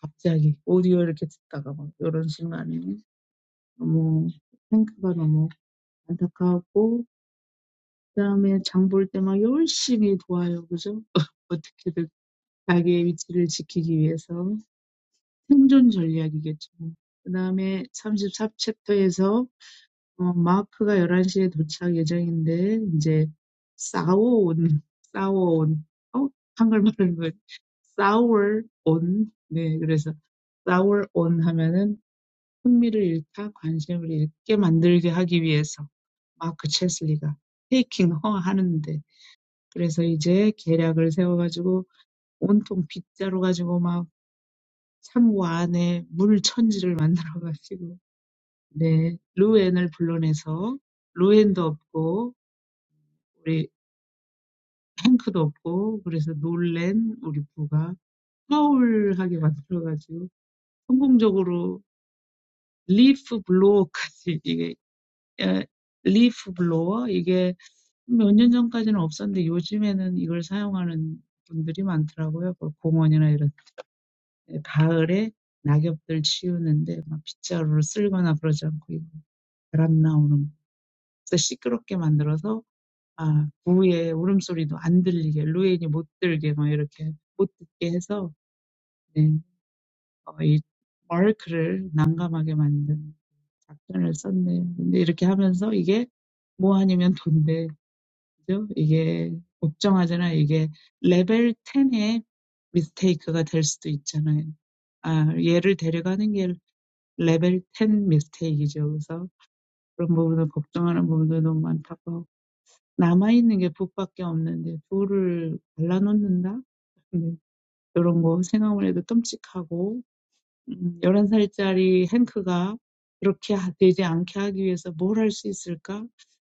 [SPEAKER 2] 갑자기 오디오 이렇게 듣다가 막 이런 순간이 너무 생각가 너무 안타깝고 그다음에 장볼 때 막 열심히 도와요, 그죠? 어떻게든 자기의 위치를 지키기 위해서 생존 전략이겠죠. 그다음에 삼십사 챕터에서 어, 마크가 열한 시에 도착 예정인데, 이제, 싸워온, 싸워온, 어? 한글말하는 거, 싸워온, 네, 그래서, 싸워온 하면은 흥미를 잃다, 관심을 잃게 만들게 하기 위해서, 마크 체슬리가 테이킹 허 하는데, 그래서 이제 계략을 세워가지고, 온통 빗자루 가지고 막 창고 안에 물 천지를 만들어가지고, 네, 루엔을 불러내서, 루엔도 없고, 우리 탱크도 없고 그래서 놀란 우리 부가 파울하게 만들어가지고 성공적으로 리프 블로어까지 이게 에, 리프 블로어 이게 몇 년 전까지는 없었는데 요즘에는 이걸 사용하는 분들이 많더라고요. 그 공원이나 이런 가을에 낙엽들 치우는데 막 빗자루를 쓸거나 그러지 않고 이거 바람 나오는 그래서 시끄럽게 만들어서 아, 부의 울음소리도 안 들리게, 루엔이 못 들게, 막 이렇게, 못 듣게 해서, 네, 어, 이 마르크를 난감하게 만든 작전을 썼네요. 근데 이렇게 하면서 이게 뭐 아니면 돈데, 그죠? 이게 걱정하잖아. 이게 레벨 10의 미스테이크가 될 수도 있잖아요. 아, 얘를 데려가는 게 레벨 10 미스테이크죠. 그래서 그런 부분을 걱정하는 부분도 너무 많다고. 남아있는 게 북밖에 없는데 둘을 갈라놓는다? 네, 이런 거 생각만 해도 끔찍하고 음, 열한 11살짜리 행크가 그렇게 하- 되지 않게 하기 위해서 뭘할 뭘할수 있을까?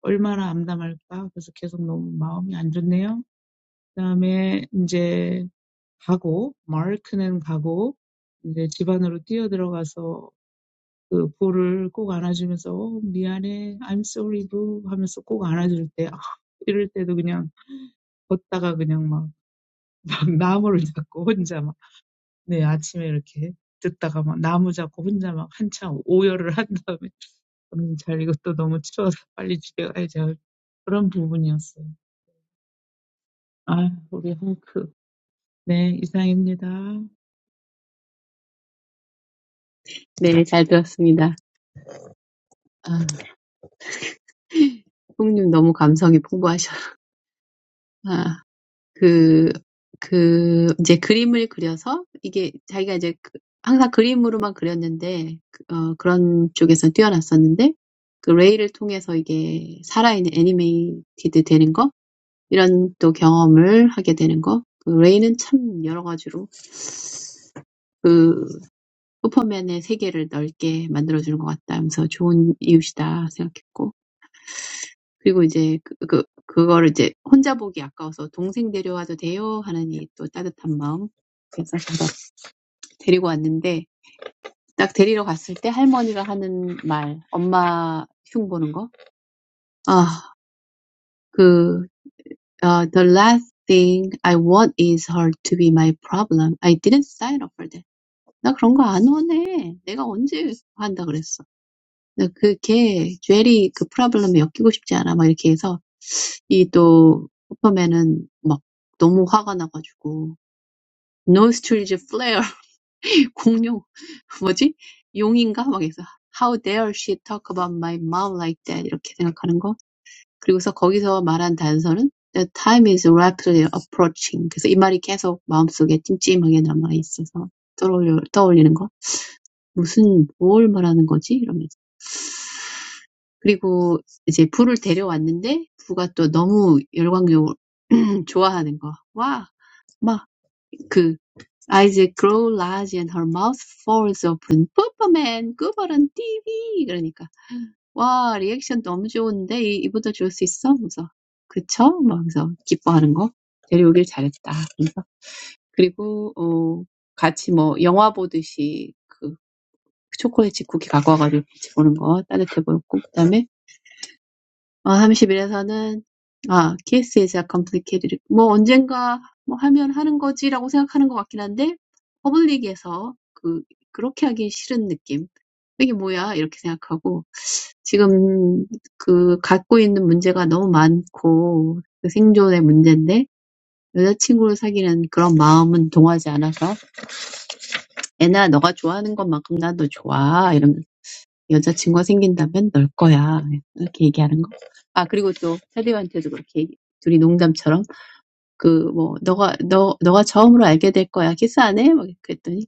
[SPEAKER 2] 얼마나 암담할까? 그래서 계속 너무 마음이 안 좋네요. 그다음에 이제 가고 마르크는 가고 이제 집 안으로 뛰어들어가서 그 부를 꼭 안아주면서 어, 미안해 I'm sorry boo 하면서 꼭 안아줄 때 아, 이럴 때도 그냥 걷다가 그냥 막, 막 나무를 잡고 혼자 막, 네, 아침에 이렇게 듣다가 막 나무 잡고 혼자 막 한참 오열을 한 다음에, 음, 잘 이것도 너무 추워서 빨리 집에 가야지. 그런 부분이었어요. 아, 우리 헝크. 네, 이상입니다.
[SPEAKER 3] 네, 잘 들었습니다. 아, 형님 너무 감성이 풍부하셔. 아. 그, 그, 이제 그림을 그려서 이게 자기가 이제 그, 항상 그림으로만 그렸는데, 그- 어, 그런 쪽에서 뛰어났었는데, 그 레이를 통해서 이게 살아있는 애니메이티드 되는 거? 이런 또 경험을 하게 되는 거? 그 레이는 참 여러 가지로 그 슈퍼맨의 세계를 넓게 만들어주는 것 같다 하면서 좋은 이웃이다 생각했고, 그리고 이제 그, 그, 그거를 이제 혼자 보기 아까워서 동생 데려와도 돼요? 하는 이또 따뜻한 마음. 데리고 왔는데 딱 데리러 갔을 때 할머니가 하는 말, 엄마 흉 보는 거. 아, 그 uh, The last thing I want is her to be my problem. I didn't sign up for that. 나 그런 거 안 원해. 내가 언제 한다 그랬어. 그렇게 셀리 그 프라블럼에 엮이고 싶지 않아 막 이렇게 해서 이또 허퍼맨은 막 너무 화가 나가지고. No stranger flare. 공룡, 뭐지? 용인가? 막 해서 How dare she talk about my mom like that? 이렇게 생각하는 거. 그리고서 거기서 말한 단서는 The time is rapidly approaching. 그래서 이 말이 계속 마음속에 찜찜하게 남아있어서 떠올려, 떠올리는 거. 무슨, 뭘 말하는 거지? 이러면서. 그리고 이제 부를 데려왔는데 부가 또 너무 열광적으로 좋아하는 거. 와! 막, 그 Eyes grow large and her mouth falls open. 슈퍼맨, 구버런 TV! 그러니까, 와, 리액션 너무 좋은데, 이- 이보다 좋을 수 있어? 하면서, 그쵸? 막 그래서 기뻐하는 거. 데려오길 잘했다. 그리고, 어, 같이 뭐, 영화 보듯이, 그, 초콜릿 쿠키 갖고 와가지고 같이 보는 거 따뜻해 보였고, 그다음에 어 31에서는 아 KS is a complicated 뭐 언젠가 뭐 하면 하는 거지라고 생각하는 것 같긴 한데 퍼블릭에서 그 그렇게 하기 싫은 느낌. 이게 뭐야? 이렇게 생각하고 지금 그 갖고 있는 문제가 너무 많고 그 생존의 문제인데 여자친구를 사귀는 그런 마음은 동하지 않아서 애나 너가 좋아하는 것만큼 나도 좋아 여자친구가 생긴다면 널 거야. 이렇게 얘기하는 거. 아, 그리고 또 테디한테도 그렇게 얘기- 둘이 농담처럼 그 뭐 너가 너 너가 처음으로 알게 될 거야. 키스 안 해? 막 그랬더니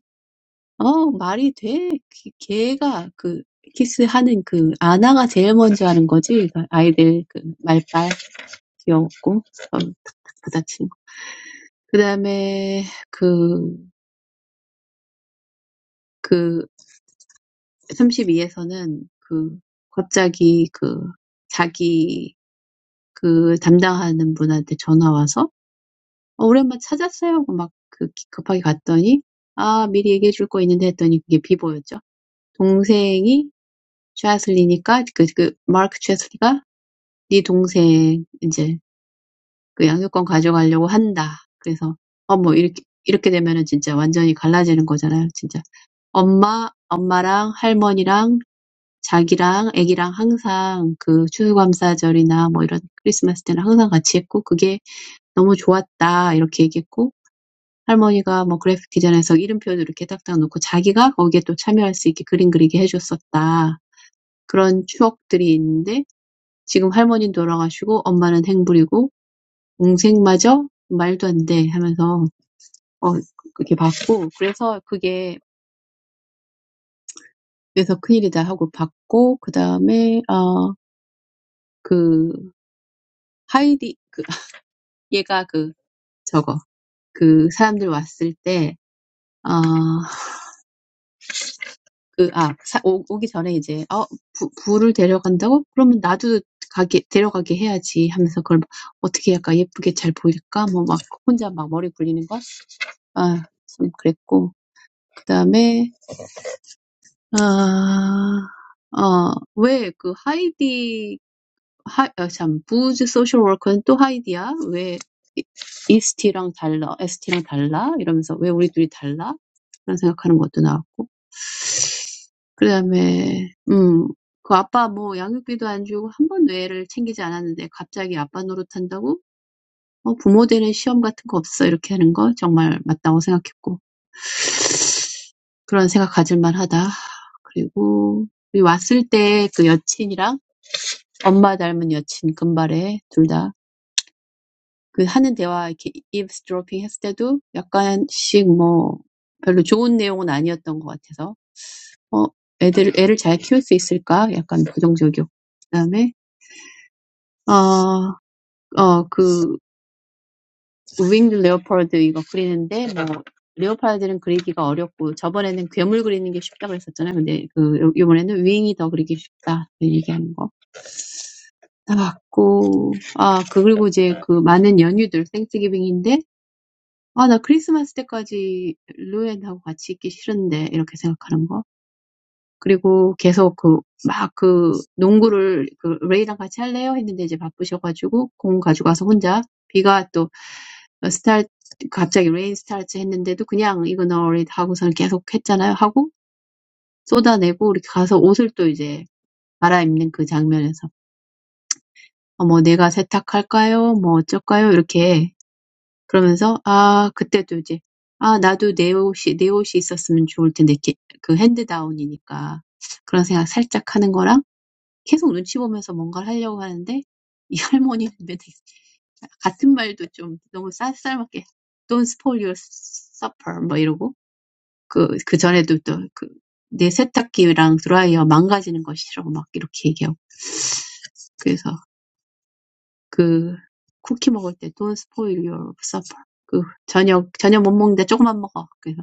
[SPEAKER 3] 어, 말이 돼. 걔- 걔가 그 키스하는 그 아나가 제일 먼저 하는 거지. 그 아이들 그 말빨 귀여웠고 어, 탁탁 부딪히는 거. 그다음에 그그 32에서는 그 갑자기 그 자기 그 담당하는 분한테 전화 와서 어, 오랜만에 찾았어요 하고 막그 기- 급하게 갔더니 아 미리 얘기해 줄거 있는데 했더니 그게 비보였죠. 동생이 최하슬리니까 그, 그 마크 최하슬리가 네 동생 이제 그 양육권 가져가려고 한다. 그래서 어뭐 이렇게 이렇게 되면은 진짜 완전히 갈라지는 거잖아요. 진짜 엄마 엄마랑 할머니랑 자기랑 애기랑 항상 그 추수감사절이나 뭐 이런 크리스마스 때는 항상 같이 했고 그게 너무 좋았다. 이렇게 얘기했고 할머니가 뭐 그래픽 디자인해서 이름표도 이렇게 딱딱 놓고 자기가 거기에 또 참여할 수 있게 그림 그리게 해줬었다. 그런 추억들이 있는데 지금 할머니는 돌아가시고 엄마는 행불이고 동생마저 말도 안돼 하면서 어 그렇게 받고 그래서 그게 그래서 큰일이다 하고 받고 그 다음에 어그 하이디 그 얘가 그 저거 그 사람들 왔을 때어 그, 아, 사, 오, 오기 전에 이제, 어, 부, 부를 데려간다고? 그러면 나도 가게, 데려가게 해야지 하면서 그걸 막 어떻게 할까? 예쁘게 잘 보일까? 뭐 막 혼자 막 머리 굴리는 거? 아, 좀 그랬고. 그 다음에, 아, 어, 왜 그 하이디, 하, 아, 참, 부즈 소셜 워커는 또 하이디야? 왜 이- 이스티랑 달라? 에스티랑 달라? 이러면서 왜 우리 둘이 달라? 그런 생각하는 것도 나왔고. 그다음에 음. 그 아빠 뭐 양육비도 안 주고 한 한번도 애를 챙기지 않았는데 갑자기 아빠 노릇한다고 어, 부모 되는 시험 같은 거 없어 이렇게 하는 거 정말 맞다고 생각했고 그런 생각 가질만하다. 그리고 우리 왔을 때그 여친이랑 엄마 닮은 여친 금발에 둘 다 그 하는 대화 이렇게 eavesdropping 했을 때도 약간씩 뭐 별로 좋은 내용은 아니었던 것 같아서 어 애들 애를 잘 키울 수 있을까 약간 부정적이었고 그다음에 어 어, 그 윙드 레오파드 이거 그리는데 뭐 레오파드는 그리기가 어렵고 저번에는 괴물 그리는 게 쉽다고 그랬었잖아요. 근데 그 요- 요번에는 윙이 더 그리기 쉽다 그 얘기하는 거 나왔고 아 그- 그리고 이제 그 많은 연휴들 땡스기빙인데 아 나 크리스마스 때까지 루엔하고 같이 있기 싫은데 이렇게 생각하는 거 그리고 계속 그, 막 그, 농구를 그, 레이랑 같이 할래요? 했는데 이제 바쁘셔가지고, 공 가져가서 혼자, 비가 또, 스타트, 갑자기 레인 스타트 했는데도 그냥 이건 already 하고서는 계속 했잖아요. 하고, 쏟아내고, 이렇게 가서 옷을 또 이제 갈아입는 그 장면에서, 어, 뭐 내가 세탁할까요? 뭐 어쩔까요? 이렇게 그러면서, 아, 그때도 이제, 아, 나도 내 옷이, 내 옷이 있었으면 좋을 텐데, 이렇게 그 핸드다운이니까. 그런 생각 살짝 하는 거랑, 계속 눈치 보면서 뭔가를 하려고 하는데 이 할머니는 맨날 같은 말도 좀 너무 쌀쌀맞게 Don't spoil your supper 뭐 이러고 그, 그 전에도 또 그, 내 세탁기랑 드라이어 망가지는 거 싫어 막 이렇게 얘기하고 그래서 그 쿠키 먹을 때 Don't spoil your supper 그 저녁 저녁 못 먹는데 조금만 먹어 그래서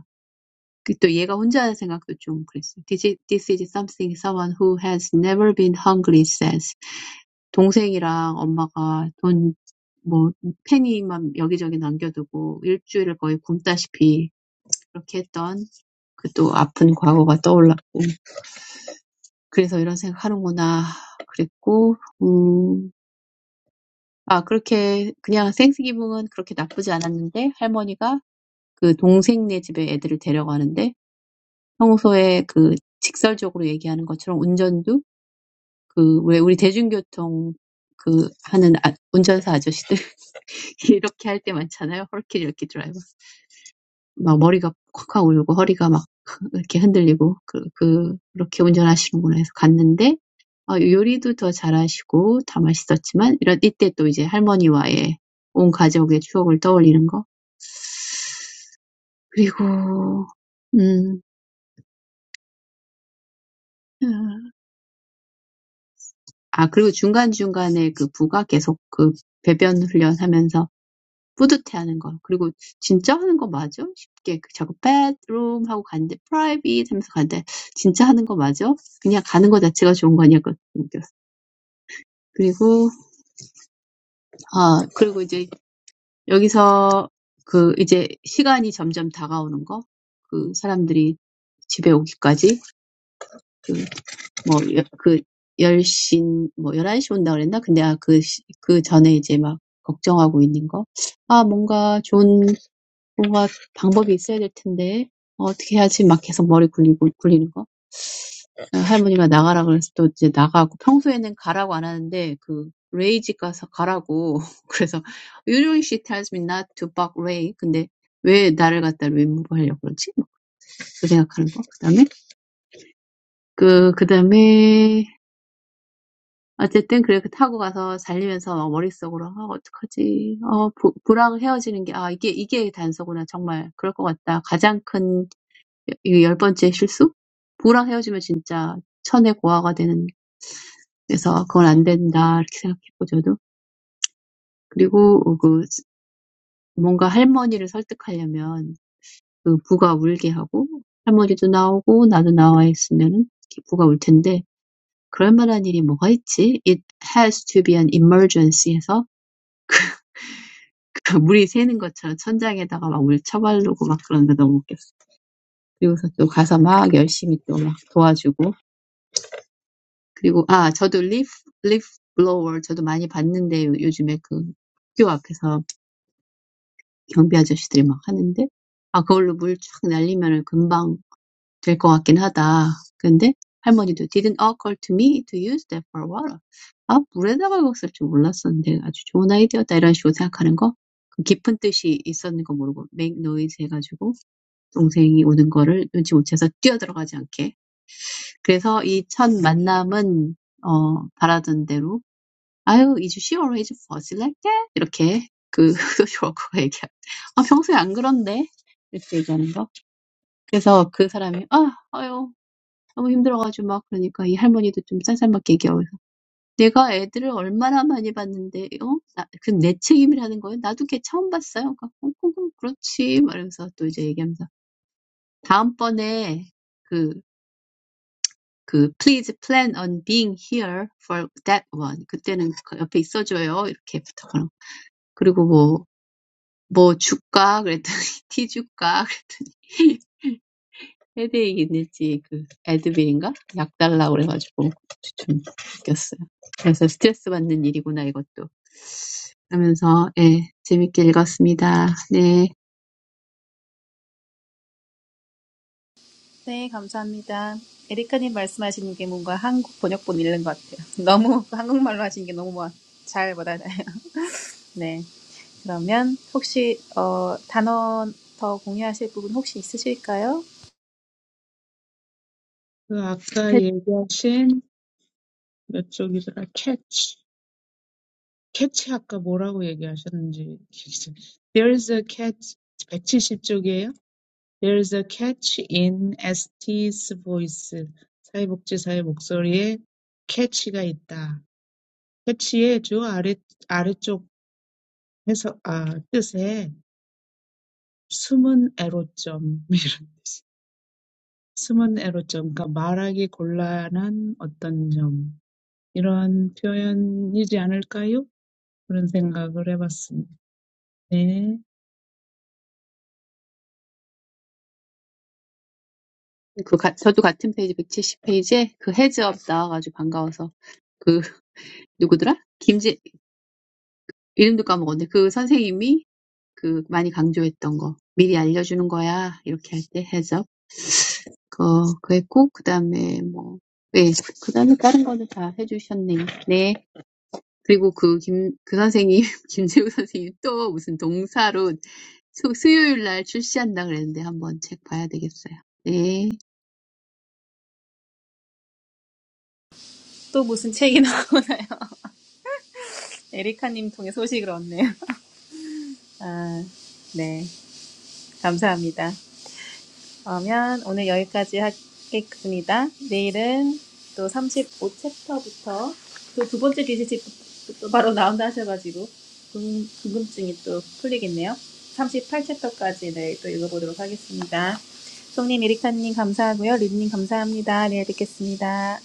[SPEAKER 3] 또 얘가 혼자 하는 생각도 좀 그랬어요. This is, this is something someone who has never been hungry says. 동생이랑 엄마가 돈뭐 penny만 여기저기 남겨두고 일주일을 거의 굶다시피 그렇게 했던 그또 아픈 과거가 떠올랐고 그래서 이런 생각하는구나 그랬고 음, 아 그렇게 그냥 생스기붕은 그렇게 나쁘지 않았는데 할머니가 그 동생네 집에 애들을 데려가는데 평소에 그 직설적으로 얘기하는 것처럼 운전도 그왜 우리 대중교통 그 하는 아, 운전사 아저씨들 이렇게 할때 많잖아요. 헐키 이렇게 드라이브. 막 머리가 콱콱 울고 허리가 막 이렇게 흔들리고 그, 그, 그렇게 운전하시는구나 해서 갔는데 어, 요리도 더 잘하시고 다 맛있었지만 이런 이때 또 이제 할머니와의 온 가족의 추억을 떠올리는 거 그리고 음, 아 그리고 중간중간에 그 부가 계속 그 배변 훈련하면서 뿌듯해하는 거. 그리고 '진짜 하는 거 맞아?' 쉽게 그 자꾸 bedroom 하고 갔는데 private 하면서 갔는데 '진짜 하는 거 맞아?' 그냥 가는 거 자체가 좋은 거 아니야? 그거 그리고 아 그리고 이제 여기서 그 이제 시간이 점점 다가오는 거. 그 사람들이 집에 오기까지 그 뭐그 10시 뭐 열한 시 온다 그랬나? 근데 아, 그, 그 전에 이제 막 걱정하고 있는 거. 아, 뭔가 좋은 What method is there to do? How do I do? It keeps spinning my head. Grandma said, "Go out." So now I'm going out. Usually, I'm told to go to the range. So, "You should tell me not to buck range." But why did I go there? Why did I do that? I think. Then, then, anyway, I ride and go, and while riding, my head is spinning. What do I do? I'm breaking up with Bill. Ah, this is the clue. It really seems like that. It's the tenth mistake. If you break up with your husband, it's really a thousand years of loneliness. So, that's not going to work. I thought. And then, to convince my grandmother, my husband cries, and my grandmother comes out, and I come out too, and my husband cries. But what kind of thing is that? It has to be an emergency. So, like a water balloon, we fill the ceiling with water, and then we go and help him. And ah, I also saw leaf, leaf blower. I also saw it a lot. But recently, the school gate, the security guards are doing it. Ah, if you use it to shoot water, it will be ready soon. But Grandma did it to me to use it for water. Ah, I didn't know that you could use it for water. It's a great idea. I think it means something deep. Make noise so that my younger brother doesn't jump in. So this first meeting was as I hoped. I will be here for that one. That one. 뭐 줄까? 그랬더니 티 줄까? 헤드액 있는지 그 애드빌인가? 약 달라고 그래가지고 좀 웃겼어요. 그래서 스트레스 받는 일이구나 이것도 하면서 예 재밌게 읽었습니다. 네,
[SPEAKER 1] 네, 감사합니다. 에리카님 말씀하시는 게 뭔가 한국 번역본 읽는 것 같아요. 너무 한국말로 하시는 게 너무 뭐- 잘 알아요. 네, 그러면 혹시 어, 단어 더 공유하실 부분 혹시 있으실까요?
[SPEAKER 2] 그 아까
[SPEAKER 3] 해-
[SPEAKER 2] 얘기하신 몇 쪽이더라? 캐치. 캐치 아까 뭐라고 얘기하셨는지. There's a catch. 170 There is a catch in Este's voice. 사회복지사의 목소리에 catch가 있다. catch의 주 아래, 아래쪽 해석, 아, 뜻에 숨은 애로점, 이런 뜻이. 숨은 애로점, 그러니까 말하기 곤란한 어떤 점. 이런 표현이지 않을까요? 그런 생각을 해봤습니다. 네.
[SPEAKER 3] 그 가, 저도 같은 페이지 170 페이지에 그 헤즈업 나와가지고 반가워서 그 누구더라? 김재 이름도 까먹었네. 그 선생님이 그 많이 강조했던 거 미리 알려주는 거야 이렇게 할때 그, 그랬고, 그 다음에 뭐, 네, 그 다음에 다른 거는 다 해주셨네요. 네. 그리고 그 김, 그 선생님, 김재우 선생님 또 무슨 동사로 수, 수요일 날 출시한다 그랬는데 한번 책 봐야 되겠어요. 네.
[SPEAKER 1] 또 무슨 책이 나오나요? 에리카님 통해 소식을 얻네요. 아, 네. 감사합니다. 그러면 오늘 여기까지 하겠습니다. 내일은 또 삼십오 챕터부터 또 두 번째 기시집 또 바로 나온다 하셔가지고 궁- 궁금증이 또 풀리겠네요. 삼십팔 챕터까지 내일 또 읽어보도록 하겠습니다. 송님, 에리카님 감사하고요. 린님 감사합니다. 내일 뵙겠습니다.